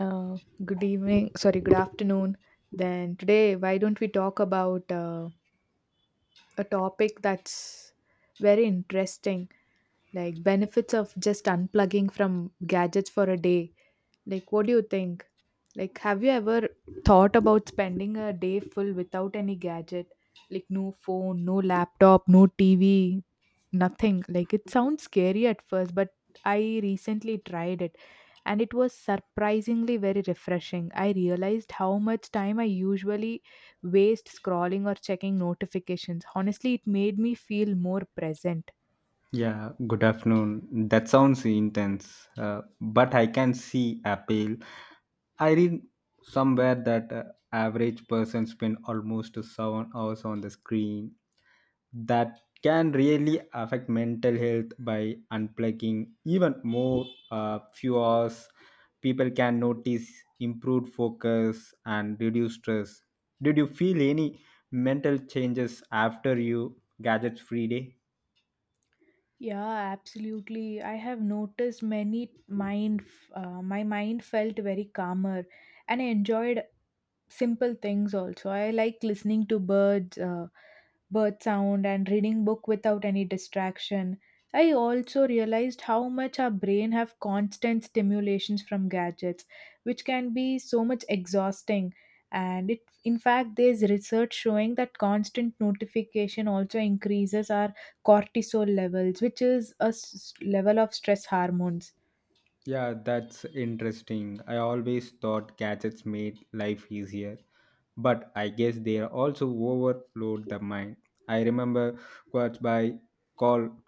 Uh, good evening, sorry, good afternoon. Then today, why don't we talk about a topic that's very interesting, like benefits of just unplugging from gadgets for a day? Like, what do you think? Like, have you ever thought about spending a day full without any gadget? Like, no phone, no laptop, no TV, nothing. Like it sounds scary at first, but I recently tried it and it was surprisingly very refreshing. I realized how much time I usually waste scrolling or checking notifications. Honestly, it made me feel more present. Yeah, good afternoon. That sounds intense, but I can see appeal. I read somewhere that average person spend almost 7 hours on the screen. That can really affect mental health by unplugging even more. Few hours, people can notice improved focus and reduce stress. Did you feel any mental changes after you gadgets free day? Yeah, absolutely. I have noticed many mind, my mind felt very calmer and I enjoyed simple things also. I like listening to birds, bird sound and reading book without any distraction. I also realized how much our brain have constant stimulations from gadgets, which can be so much exhausting. And it, in fact, there's research showing that constant notification also increases our cortisol levels, which is a level of stress hormones. Yeah, that's interesting. I always thought gadgets made life easier, but I guess they also overload the mind. I remember quotes by Call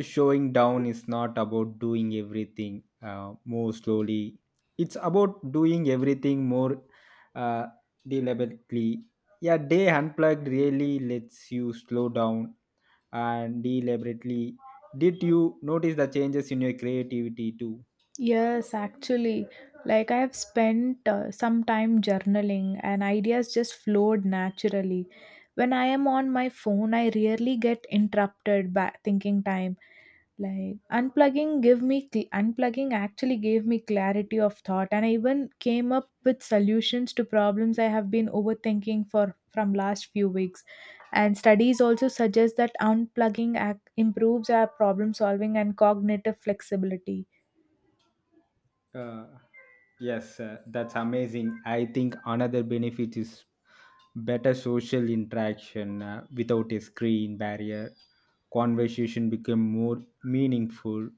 showing down is not about doing everything more slowly, it's about doing everything more uh, deliberately. Yeah, day unplugged really lets you slow down and deliberately. Did you notice the changes in your creativity too? Yes, actually, like I have spent some time journaling and ideas just flowed naturally. When I am on my phone, I rarely get interrupted by thinking time. Like unplugging actually gave me clarity of thought and I even came up with solutions to problems I have been overthinking for from last few weeks. And studies also suggest that improves our problem solving and cognitive flexibility. Uh, yes, that's amazing. I think another benefit is better social interaction without a screen barrier. Conversation become more meaningful.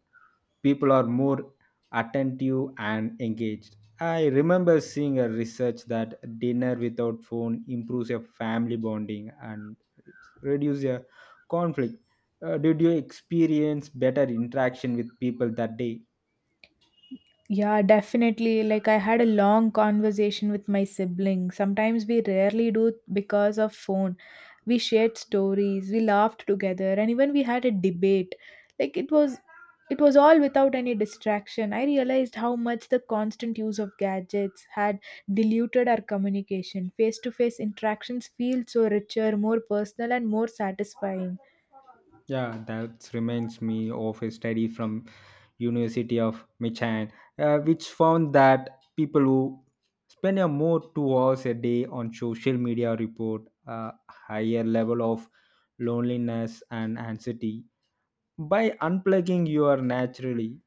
People are more attentive and engaged. I remember seeing a research that dinner without phone improves your family bonding and reduce your conflict. Did you experience better interaction with people that day? Yeah, definitely. Like, I had a long conversation with my sibling. Sometimes we rarely do because of phone. We shared stories, we laughed together, and even we had a debate. Like, it was all without any distraction. I realized how much the constant use of gadgets had diluted our communication. Face to face interactions feel so richer, more personal, and more satisfying. Yeah, that reminds me of a study from University of Michigan, which found that people who spend a more 2 hours a day on social media report a higher level of loneliness and anxiety. By unplugging your naturally,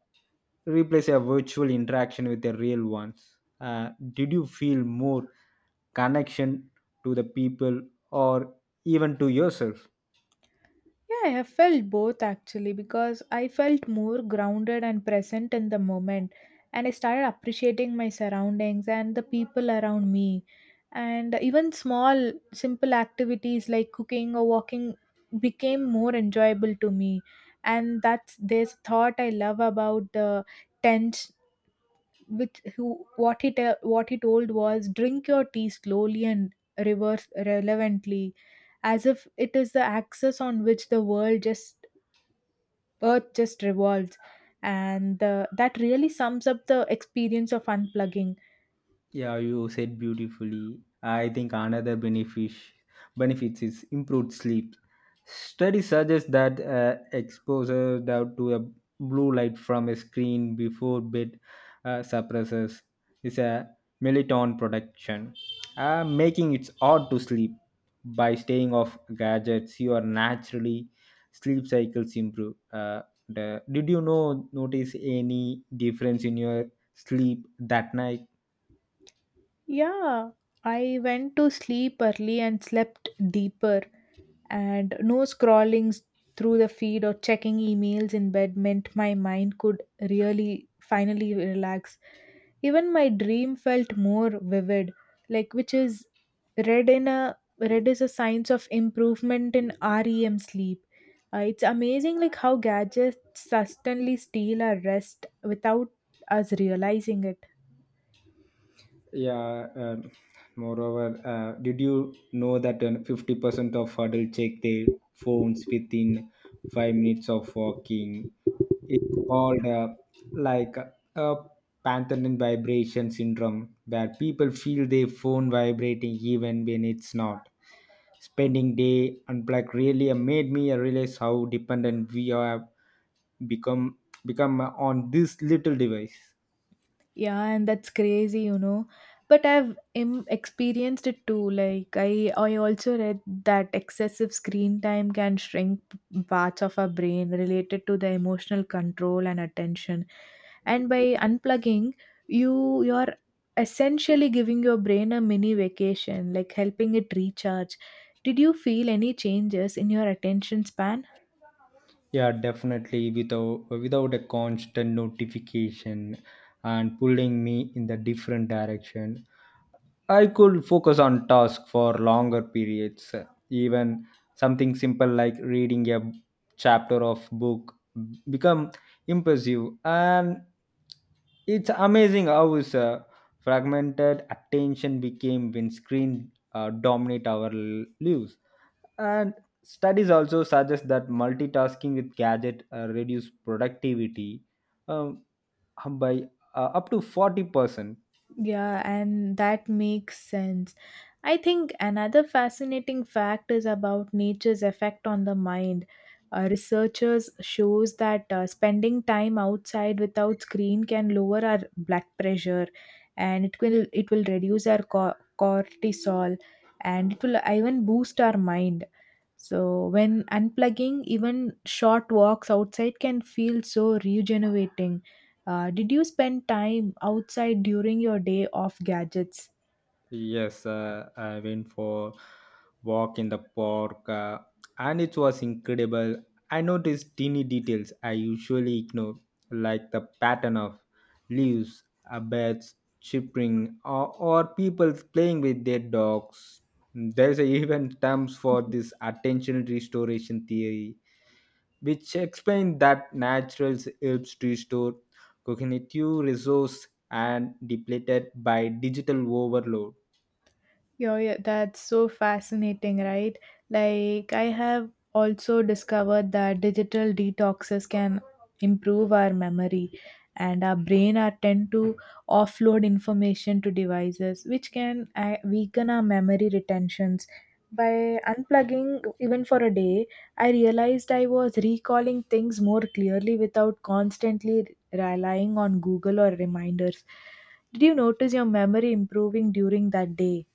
replace a virtual interaction with a real ones. Did you feel more connection to the people or even to yourself? Yeah, I have felt both actually because I felt more grounded and present in the moment. And I started appreciating my surroundings and the people around me. And even small, simple activities like cooking or walking became more enjoyable to me. And that's this thought I love about the tent, which who what he te- what he told was drink your tea slowly and reverse relevantly as if it is the axis on which the world just earth just revolves, and that really sums up the experience of unplugging. Yeah, you said beautifully. I think another benefits is improved sleep. Studies suggest that exposure down to a blue light from a screen before bed suppresses is a melatonin production, making it hard to sleep. By staying off gadgets, your naturally sleep cycles improve. Did you know notice any difference in your sleep that night? Yeah, I went to sleep early and slept deeper, and no scrolling through the feed or checking emails in bed meant my mind could really finally relax. Even my dream felt more vivid, like which is read is a signs of improvement in REM sleep. It's amazing like how gadgets suddenly steal our rest without us realizing it. Yeah. Moreover, did you know that 50% of adults check their phones within 5 minutes of walking? It's called like a panthernin vibration syndrome, where people feel their phone vibrating even when it's not. Spending day unplugged really made me realize how dependent we have become become on this little device. Yeah, and that's crazy, you know. But experienced it too. Like I also read that excessive screen time can shrink parts of our brain related to the emotional control and attention. And by unplugging, you're essentially giving your brain a mini vacation, like helping it recharge. Did you feel any changes in your attention span? Yeah, definitely without a constant notification and pulling me in the different direction. I could focus on task for longer periods. Even something simple like reading a chapter of book become impressive, and it's amazing how is fragmented attention became when screen dominate our lives, and studies also suggest that multitasking with gadget reduce productivity um, by up to 40%. Yeah, and that makes sense. I think another fascinating fact is about nature's effect on the mind. Researchers shows that spending time outside without screen can lower our blood pressure, and it will reduce our cortisol, and it will even boost our mind. So when unplugging, even short walks outside can feel so rejuvenating. Did you spend time outside during your day off gadgets? Yes, I went for walk in the park, and it was incredible. I noticed teeny details I usually ignore, like the pattern of leaves, birds chirping, or people playing with their dogs. There's a even terms for this attention restoration theory, which explains that natural helps to restore cognitive resource and depleted by digital overload. Yeah, yeah, that's so fascinating, right? Like, I have also discovered that digital detoxes can improve our memory, and our brain are tend to offload information to devices which can weaken our memory retentions. By unplugging even for a day, I realized I was recalling things more clearly without constantly relying on Google or reminders. Did you notice your memory improving during that day?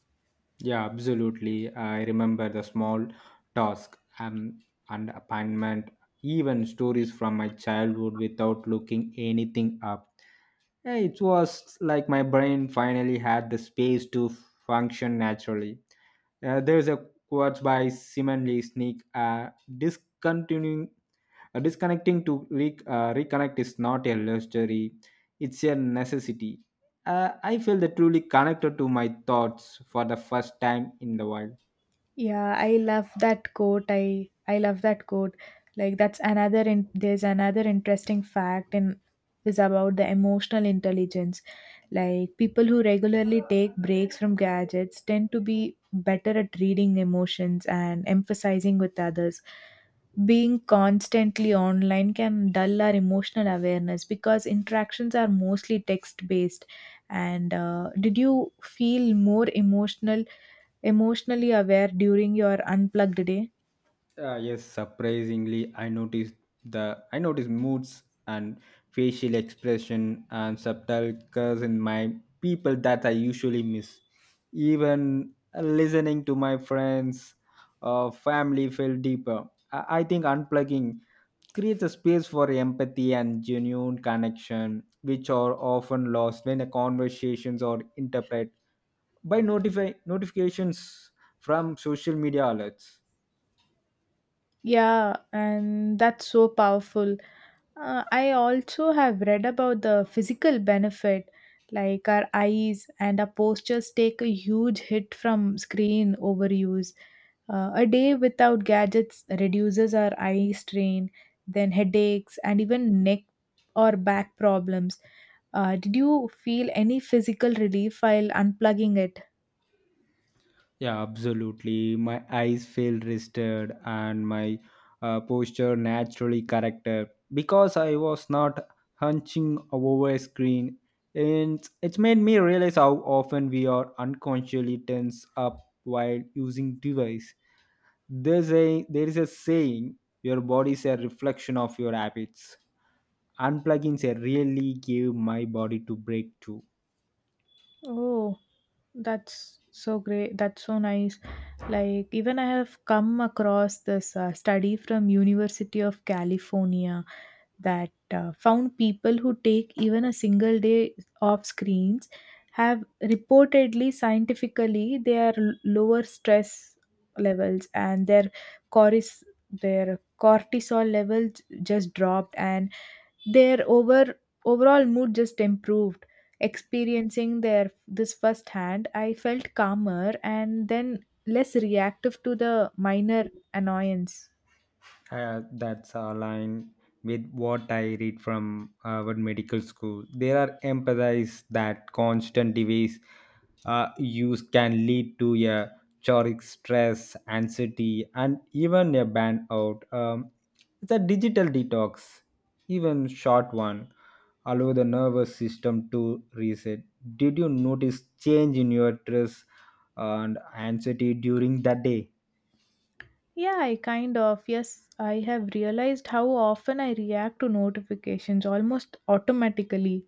Yeah, absolutely. I remember the small task and appointment, even stories from my childhood without looking anything up. It was like my brain finally had the space to function naturally. There's a quote by Simon Lee Sneak discontinuing, disconnecting to reconnect is not a luxury, it's a necessity. I feel that truly connected to my thoughts for the first time in the while. Yeah, I love that quote. I love that quote. Like that's there's another interesting fact in is about the emotional intelligence. Like people who regularly take breaks from gadgets tend to be better at reading emotions and emphasizing with others. Being constantly online can dull our emotional awareness because interactions are mostly text based. And did you feel more emotionally aware during your unplugged day? Yes, surprisingly, I noticed moods and facial expression and subtle curves in my people that I usually miss. Even listening to my friends or family felt deeper. I think unplugging creates a space for empathy and genuine connection, which are often lost when the conversations are interpreted by notify notifications from social media alerts. Yeah, and that's so powerful. I also have read about the physical benefit, like our eyes and our postures take a huge hit from screen overuse. A day without gadgets reduces our eye strain, then headaches, and even neck or back problems. Did you feel any physical relief while unplugging it? Yeah, absolutely. My eyes feel rested and my posture naturally corrected because I was not hunching over a screen. And it's made me realize how often we are unconsciously tense up while using device. There is a saying your body is a reflection of your habits. Unplugging a really gave my body to break too. Oh. That's so great. That's so nice. Like even I have come across this study from University of California that found people who take even a single day off screens have reportedly scientifically their lower stress levels and their cortis their cortisol levels just dropped, and their overall mood just improved. Experiencing their this firsthand, I felt calmer and then less reactive to the minor annoyance. That's aligned with what I read from Harvard Medical School. There are empathies that constant device use can lead to a chronic stress, anxiety, and even a burnout. It's a digital detox, even short one, allow the nervous system to reset. Did you notice change in your stress and anxiety during that day? Yeah I kind of yes I have realized how often I react to notifications almost automatically.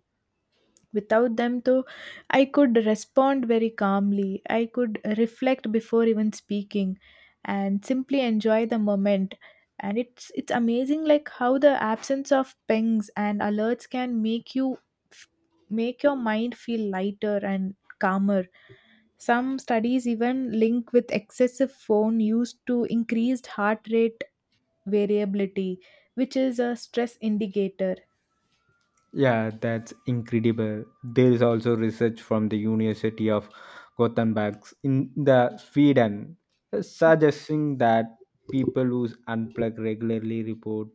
Without them, though, I could respond very calmly. I could reflect before even speaking and simply enjoy the moment. And it's amazing like how the absence of pings and alerts can make you f- make your mind feel lighter and calmer. Some studies even link with excessive phone use to increased heart rate variability, which is a stress indicator. Yeah, that's incredible. There is also research from the University of Gothenburg in the Sweden suggesting that people who unplug regularly report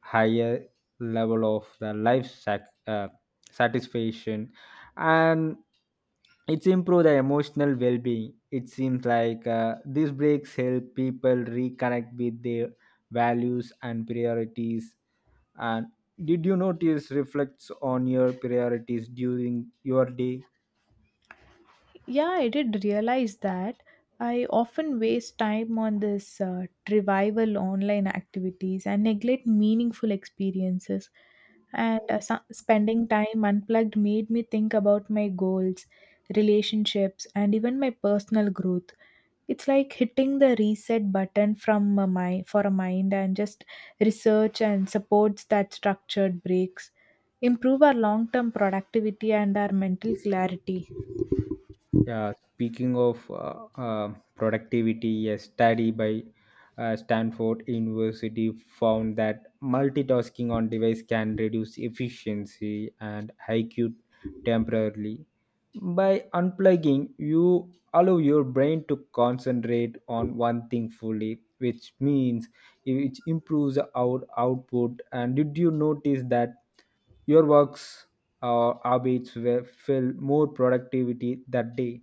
higher level of the satisfaction, and it's improve the emotional well-being. It seems like these breaks help people reconnect with their values and priorities, and did you notice reflects on your priorities during your day? Yeah, I did realize that. I often waste time on this revival online activities and neglect meaningful experiences. And spending time unplugged made me think about my goals, relationships, and even my personal growth. It's like hitting the reset button for a mind, and just research and supports that structured breaks improve our long-term productivity and our mental clarity. Yeah, speaking of productivity, a study by Stanford University found that multitasking on device can reduce efficiency and IQ temporarily. By unplugging, you allow your brain to concentrate on one thing fully, which improves our output. And did you notice that your works or habits were feel more productivity that day?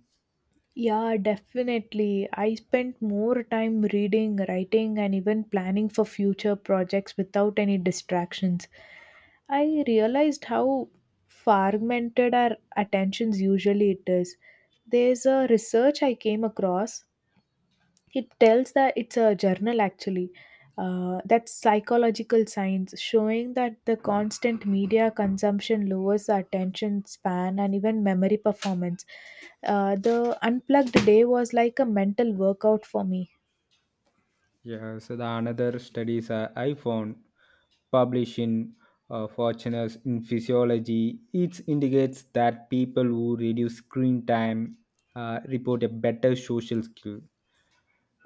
Yeah, definitely. I spent more time reading, writing, and even planning for future projects without any distractions. I realized how fragmented our attentions usually it is. There's a research I came across, it tells that it's a journal actually. That's psychological science showing that the constant media consumption lowers the attention span and even memory performance. The unplugged day was like a mental workout for me. Yeah, so the another studies I found published in Fortuner's in physiology, it indicates that people who reduce screen time report a better social skill,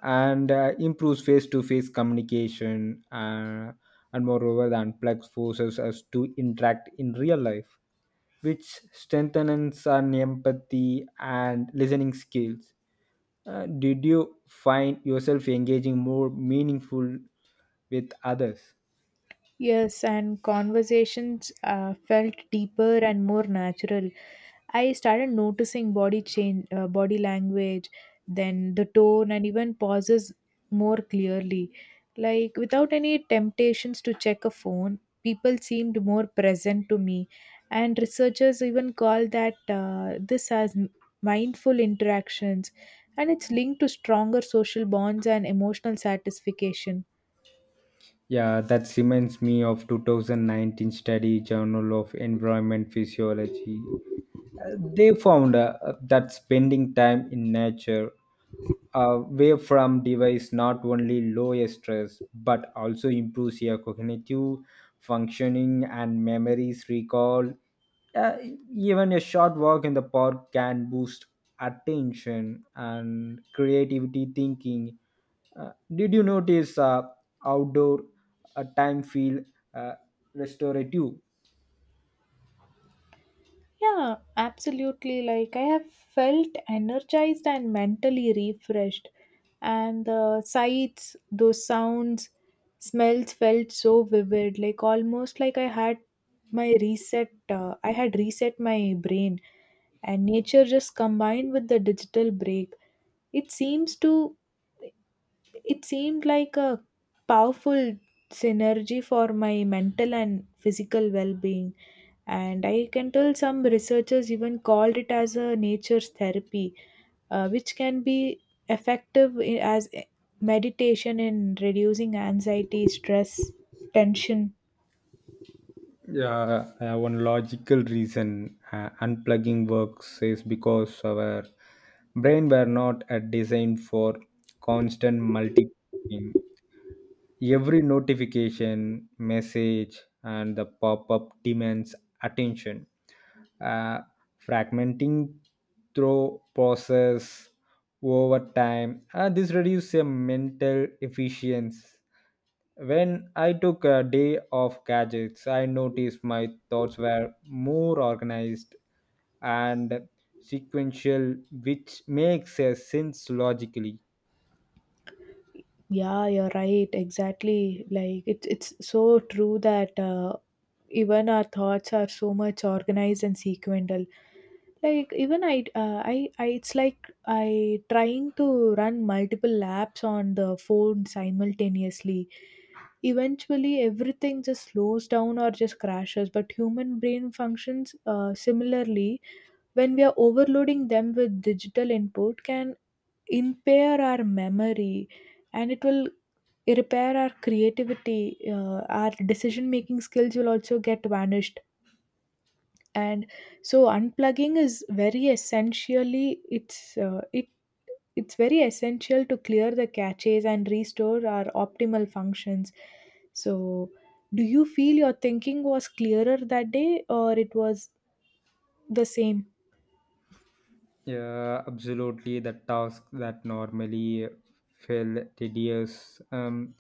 and improves face-to-face communication. And moreover the unplugged forces us to interact in real life, which strengthens our empathy and listening skills. Did you find yourself engaging more meaningful with others? Yes, and conversations felt deeper and more natural. I started noticing body language, then the tone, and even pauses more clearly. Like without any temptations to check a phone, people seemed more present to me, and researchers even call that this as mindful interactions, and it's linked to stronger social bonds and emotional satisfaction. Yeah, that reminds me of 2019 study journal of environment physiology. They found that spending time in nature away from device not only lowers stress but also improves your cognitive functioning and memories recall. Uh, Even a short walk in the park can boost attention and creativity thinking. Did you notice outdoor time feel uh, restorative? Yeah, absolutely. Like, I have felt energized and mentally refreshed. And the sights, those sounds, smells felt so vivid, like almost like I had I had reset my brain. And nature just combined with the digital break. It seems to, it seemed like a powerful synergy for my mental and physical well being. And I can tell some researchers even called it as a nature's therapy, which can be effective meditation in reducing anxiety, stress, tension. Yeah, one logical reason unplugging works is because our brain were not designed for constant multitasking. Every notification, message, and the pop-up demands attention. Uh, Fragmenting through process over time. This reduces a mental efficiency when I took a day off gadgets. I noticed my thoughts were more organized and sequential, which makes a sense logically. Yeah, you're right exactly. Like it's so true that even our thoughts are so much organized and sequential. Like even I it's like I trying to run multiple apps on the phone simultaneously, eventually everything just slows down or just crashes. But human brain functions similarly, when we are overloading them with digital input can impair our memory, and it will repair our creativity. Uh, our decision making skills will also get vanished. And so unplugging is very essentially it's it it's very essential to clear the caches and restore our optimal functions. So do you feel your thinking was clearer that day, or it was the same? Yeah, absolutely. The tasks that normally feel tedious,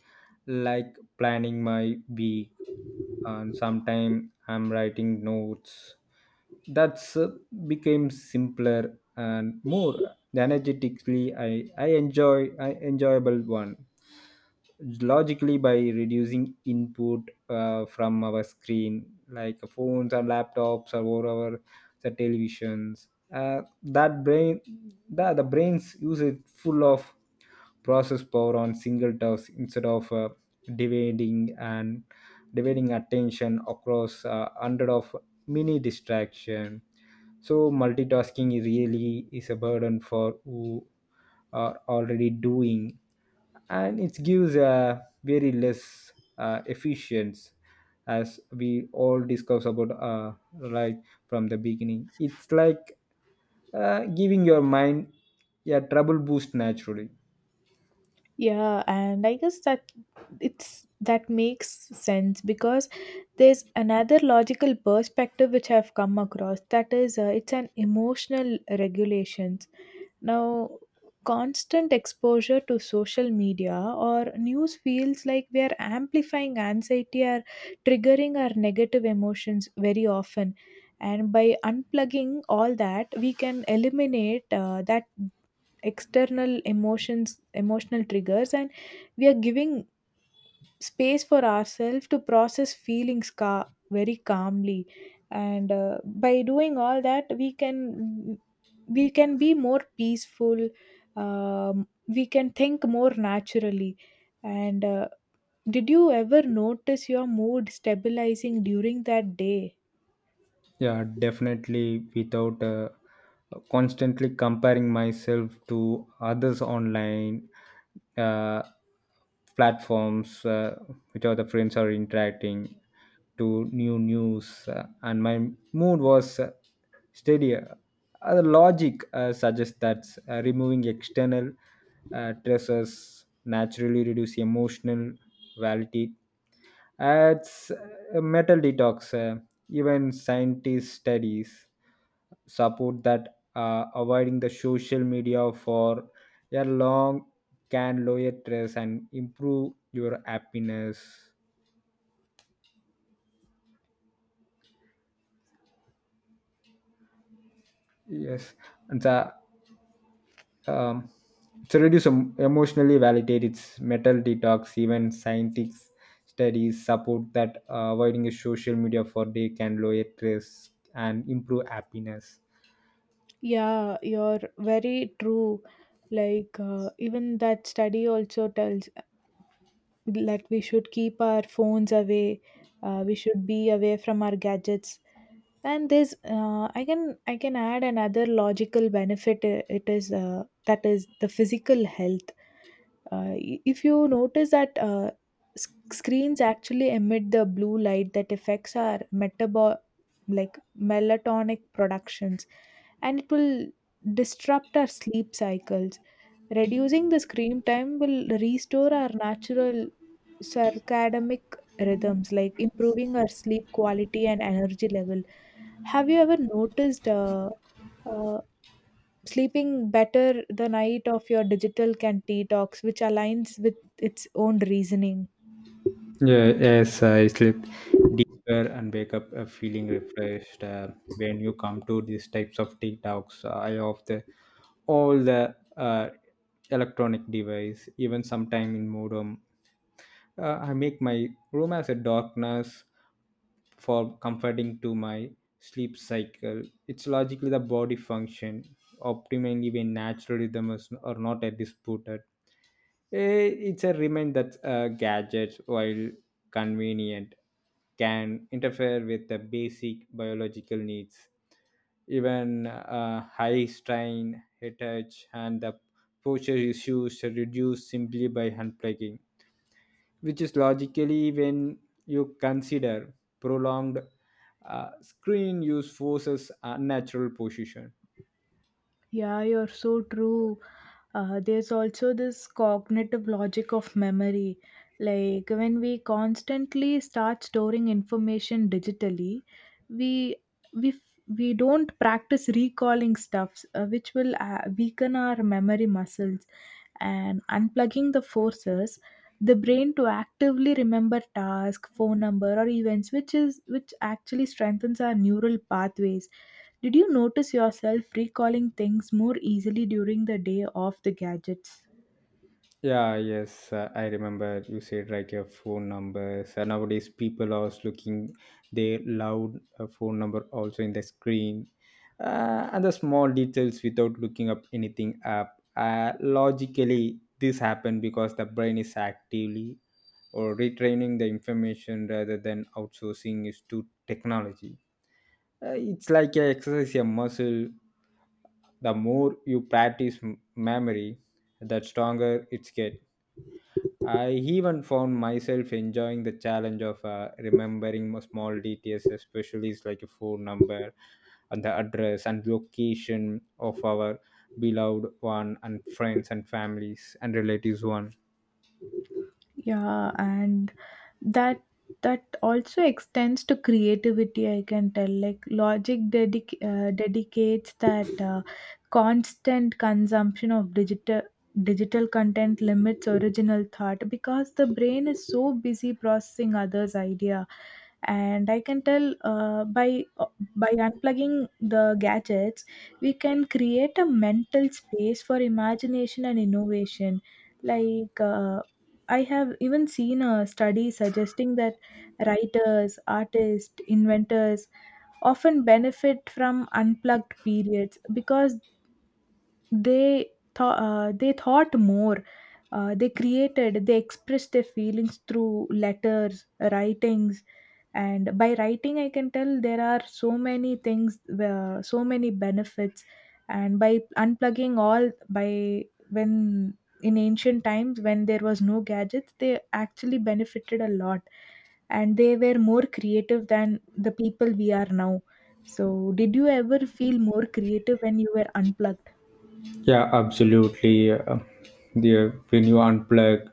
like planning my week, and sometimes I'm writing notes. That's Became simpler and more energetically. I enjoyable one logically by reducing input from our screen like phones or laptops or whatever the televisions, that brain, the brains use it full of process power on single task instead of dividing and dividing attention across hundred of mini distraction. So multitasking is really is a burden for who are already doing, and it gives a very less efficient, as we all discussed about, right from the beginning. It's like giving your mind a trouble boost naturally. Yeah, and I guess that it's that makes sense because there's another logical perspective which I've come across, that is it's an emotional regulations. Now, constant exposure to social media or news feels like we are amplifying anxiety or triggering our negative emotions very often. And by unplugging all that, we can eliminate that external emotions emotional triggers, and we are giving space for ourselves to process feelings very calmly. And by doing all that, we can be more peaceful. Um, we can think more naturally. And did you ever notice your mood stabilizing during that day? Yeah, definitely without constantly comparing myself to others online uh, platforms, which other friends are interacting to new news, and my mood was steady. The logic suggests that removing external stressors naturally reduce emotional volatility. It's a metal detox. Even scientist studies support that avoiding the social media for a long can lower stress and improve your happiness. Yes, and the um, to reduce emotionally validate its metal detox. Even scientists studies support that avoiding a social media for day can lower stress and improve happiness. Yeah, you're very true. Like even that study also tells that we should keep our phones away. Uh, we should be away from our gadgets. And there's I can add another logical benefit. Uh, it is that is the physical health. If you notice that screens actually emit the blue light that affects our metabo like melatonin productions, and it will disrupt our sleep cycles. Reducing the screen time will restore our natural circadian rhythms, like improving our sleep quality and energy level. Have you ever noticed uh, sleeping better the night of your digital can detox, which aligns with its own reasoning? Yeah, yes, I slept deeper and wake up feeling refreshed. When you come to these types of TikToks, I off the all the electronic device, even sometime in modem. I make my room as a darkness for comforting to my sleep cycle. It's logically the body function optimally when natural rhythm is are not a disputed. It's a remind that gadgets, while convenient, can interfere with the basic biological needs. Even high strain, headache, and the posture issues are reduced simply by unplugging, which is logically when you consider prolonged screen use forces unnatural position. Yeah, you're so true. There's also this cognitive logic of memory. Like when we constantly start storing information digitally, we we don't practice recalling stuffs, which will weaken our memory muscles. And unplugging the forces the brain to actively remember task, phone number, or events, which actually strengthens our neural pathways. Did you notice yourself recalling things more easily during the day of the gadgets? Yeah, yes, I remember you said like your phone numbers. Nowadays, people are looking their loud phone number also in the screen, and the small details without looking up anything up. Logically, this happened because the brain is actively or retraining the information rather than outsourcing is to technology. It's like a exercise a muscle. The more you practice memory, the stronger it gets. I even found myself enjoying the challenge of remembering small details, especially it's like a phone number and the address and location of our beloved one and friends and families and relatives one. Yeah, and that that also extends to creativity, I can tell. Like logic dedicates that constant consumption of digital content limits original thought because the brain is so busy processing others' idea. And I can tell by unplugging the gadgets, we can create a mental space for imagination and innovation. Like I have even seen a study suggesting that writers, artists, inventors often benefit from unplugged periods because they thought more. They created, they expressed their feelings through letters, writings, and by writing I can tell there are so many things, so many benefits. And by unplugging all, by when in ancient times when there was no gadgets, they actually benefited a lot, and they were more creative than the people we are now. So did you ever feel more creative when you were unplugged? Yeah, absolutely. When you unplug,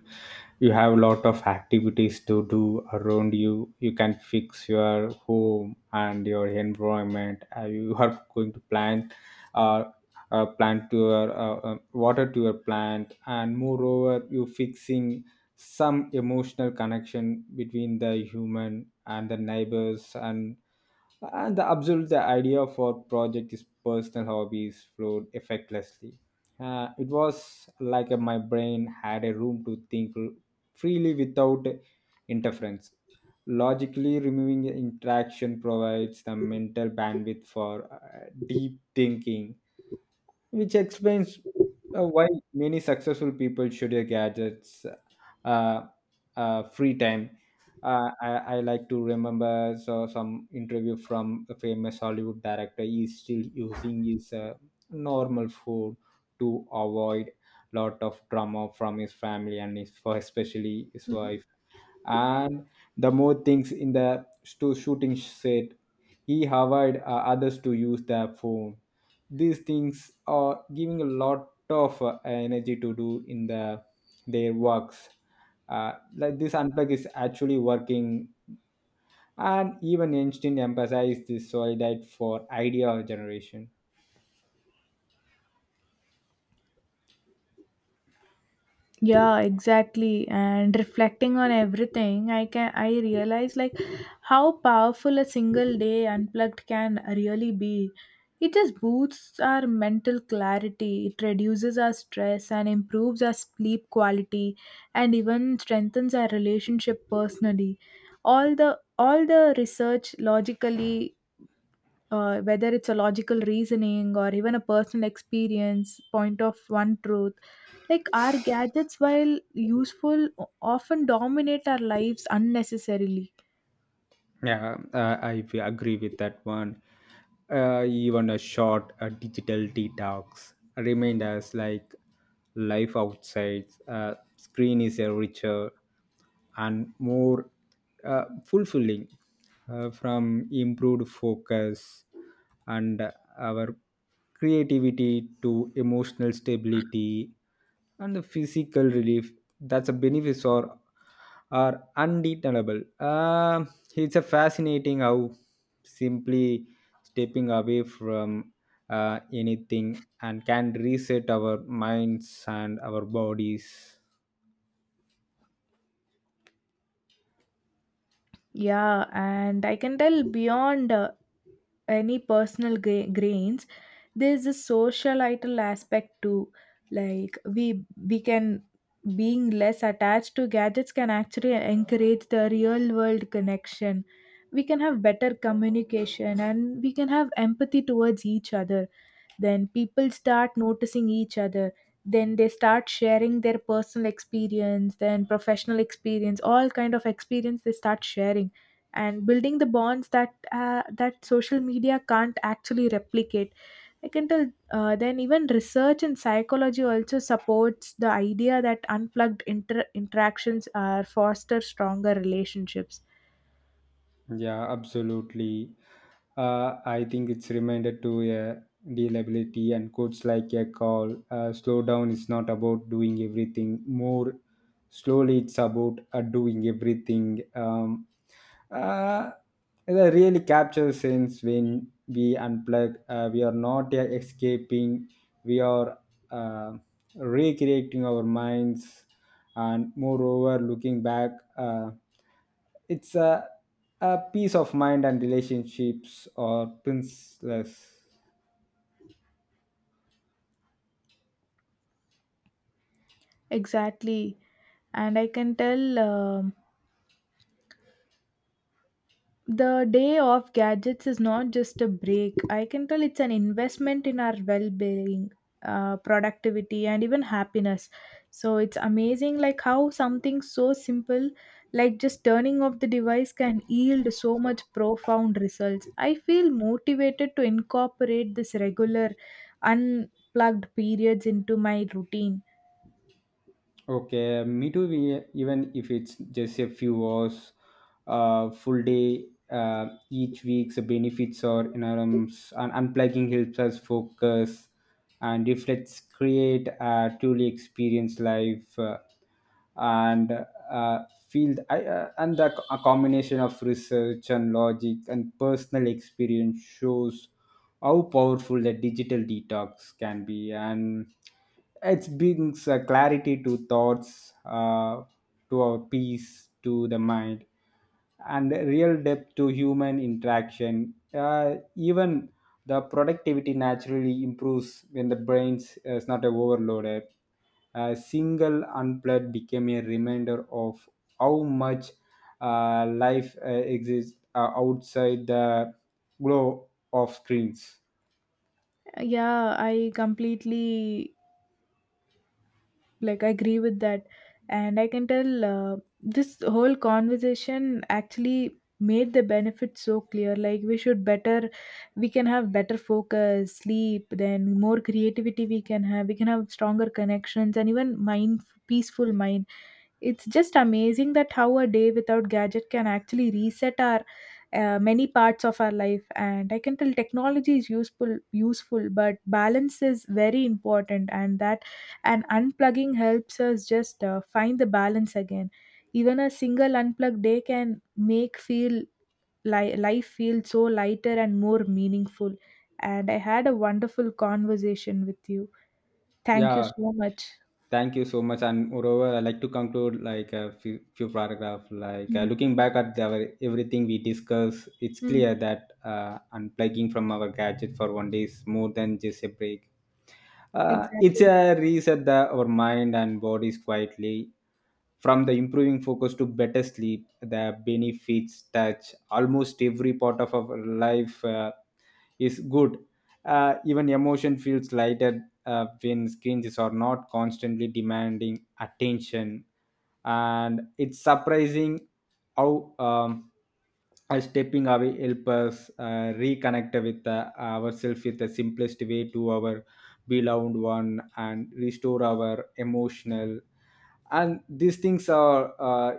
you have a lot of activities to do around you. You can fix your home and your environment. You are going to plant, uh, plant to your water to your plant, and moreover, you fixing some emotional connection between the human and the neighbors and the absolute the idea for project is personal hobbies flowed effortlessly. It was like my brain had a room to think freely without interference. Logically, removing interaction provides the mental bandwidth for deep thinking, which explains why many successful people schedule gadgets, uh, free time. Uh, I, I like to remember some interview from a famous Hollywood director. He's still using his normal phone to avoid lot of drama from his family and his, especially his Mhm. wife. And the more things in the shooting set, he avoid others to use their phone. These things are giving a lot of energy to do in the their works. Like this unplug is actually working, and even Einstein emphasized this solid for idea generation. Yeah, exactly. And reflecting on everything, I can, I realize like how powerful a single day unplugged can really be. It just boosts our mental clarity, it reduces our stress and improves our sleep quality, and even strengthens our relationship personally. All the research logically, whether it's a logical reasoning or even a personal experience, point of one truth, like our gadgets, while useful, often dominate our lives unnecessarily. Yeah, agree with that one. Even a short digital detox remind us like life outside screen is a richer and more fulfilling. From improved focus and our creativity to emotional stability and the physical relief, that's a benefits or are undeniable. It's a fascinating how simply stepping away from anything and can reset our minds and our bodies. Yeah, and I can tell beyond any personal grains, there's a societal aspect too. Like we can being less attached to gadgets can actually encourage the real world connection. We can have better communication and we can have empathy towards each other. Then people start noticing each other, then they start sharing their personal experience, then professional experience, all kind of experience they start sharing, and building the bonds that social media can't actually replicate, I can tell. Then even research in psychology also supports the idea that unplugged interactions are foster stronger relationships. Yeah, absolutely. I think it's reminded to a reliability and quotes like a call. Slow down is not about doing everything more slowly. It's about doing everything. Uh, that really captures sense when we unplug. We are not escaping. We are uh, recreating our minds, and moreover looking back, it's a, a peace of mind and relationships or priceless. Exactly. And I can tell, the day of gadgets is not just a break. I can tell it's an investment in our well being, productivity, and even happiness. So it's amazing, like, how something so simple, like just turning off the device, can yield so much profound results. I feel motivated to incorporate this regular, unplugged periods into my routine. Okay, me too. We, even if it's just a few hours, full day, each week's benefits are enormous, and unplugging helps us focus and reflects create a truly experience life, and uh, field and the a combination of research and logic and personal experience shows how powerful the digital detox can be. And it brings clarity to thoughts, to our peace, to the mind, and real depth to human interaction. Even the productivity naturally improves when the brain is not overloaded. A single unplugged became a reminder of how much life exists outside the glow of screens. Yeah, I completely, like, I agree with that. And I can tell this whole conversation actually made the benefits so clear. Like we should better, we can have better focus sleep, then more creativity we can have, we can have stronger connections and even mind, peaceful mind. It's just amazing that how a day without gadget can actually reset our many parts of our life. And I can tell technology is useful, useful, but balance is very important. And unplugging helps us just find the balance again. Even a single unplugged day can make feel, life feel so lighter and more meaningful. And I had a wonderful conversation with you. Thank you Yeah, so much. thank you so much. And moreover, I like to conclude like a few paragraph. Like Mm, looking back at everything we discuss, it's mm, clear that unplugging from our gadget for one day is more than just a break. It's exactly. a reset our mind and bodies quietly. From the improving focus to better sleep, the benefits touch almost every part of our life. Is good. Even emotion feels lighter when screens are not constantly demanding attention, and it's surprising how stepping away help us reconnect with ourselves with the simplest way to our beloved one, and restore our emotional. And these things are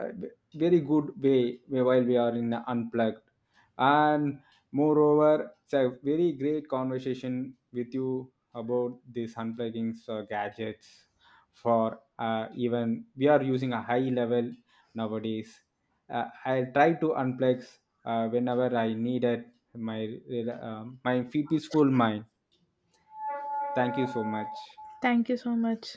uh, very good way while we are in unplugged. And moreover, it's a very great conversation with you about these unplugging gadgets for, even we are using a high level nowadays. I try to unplug whenever I needed my, my peaceful mind. Thank you so much. Thank you so much.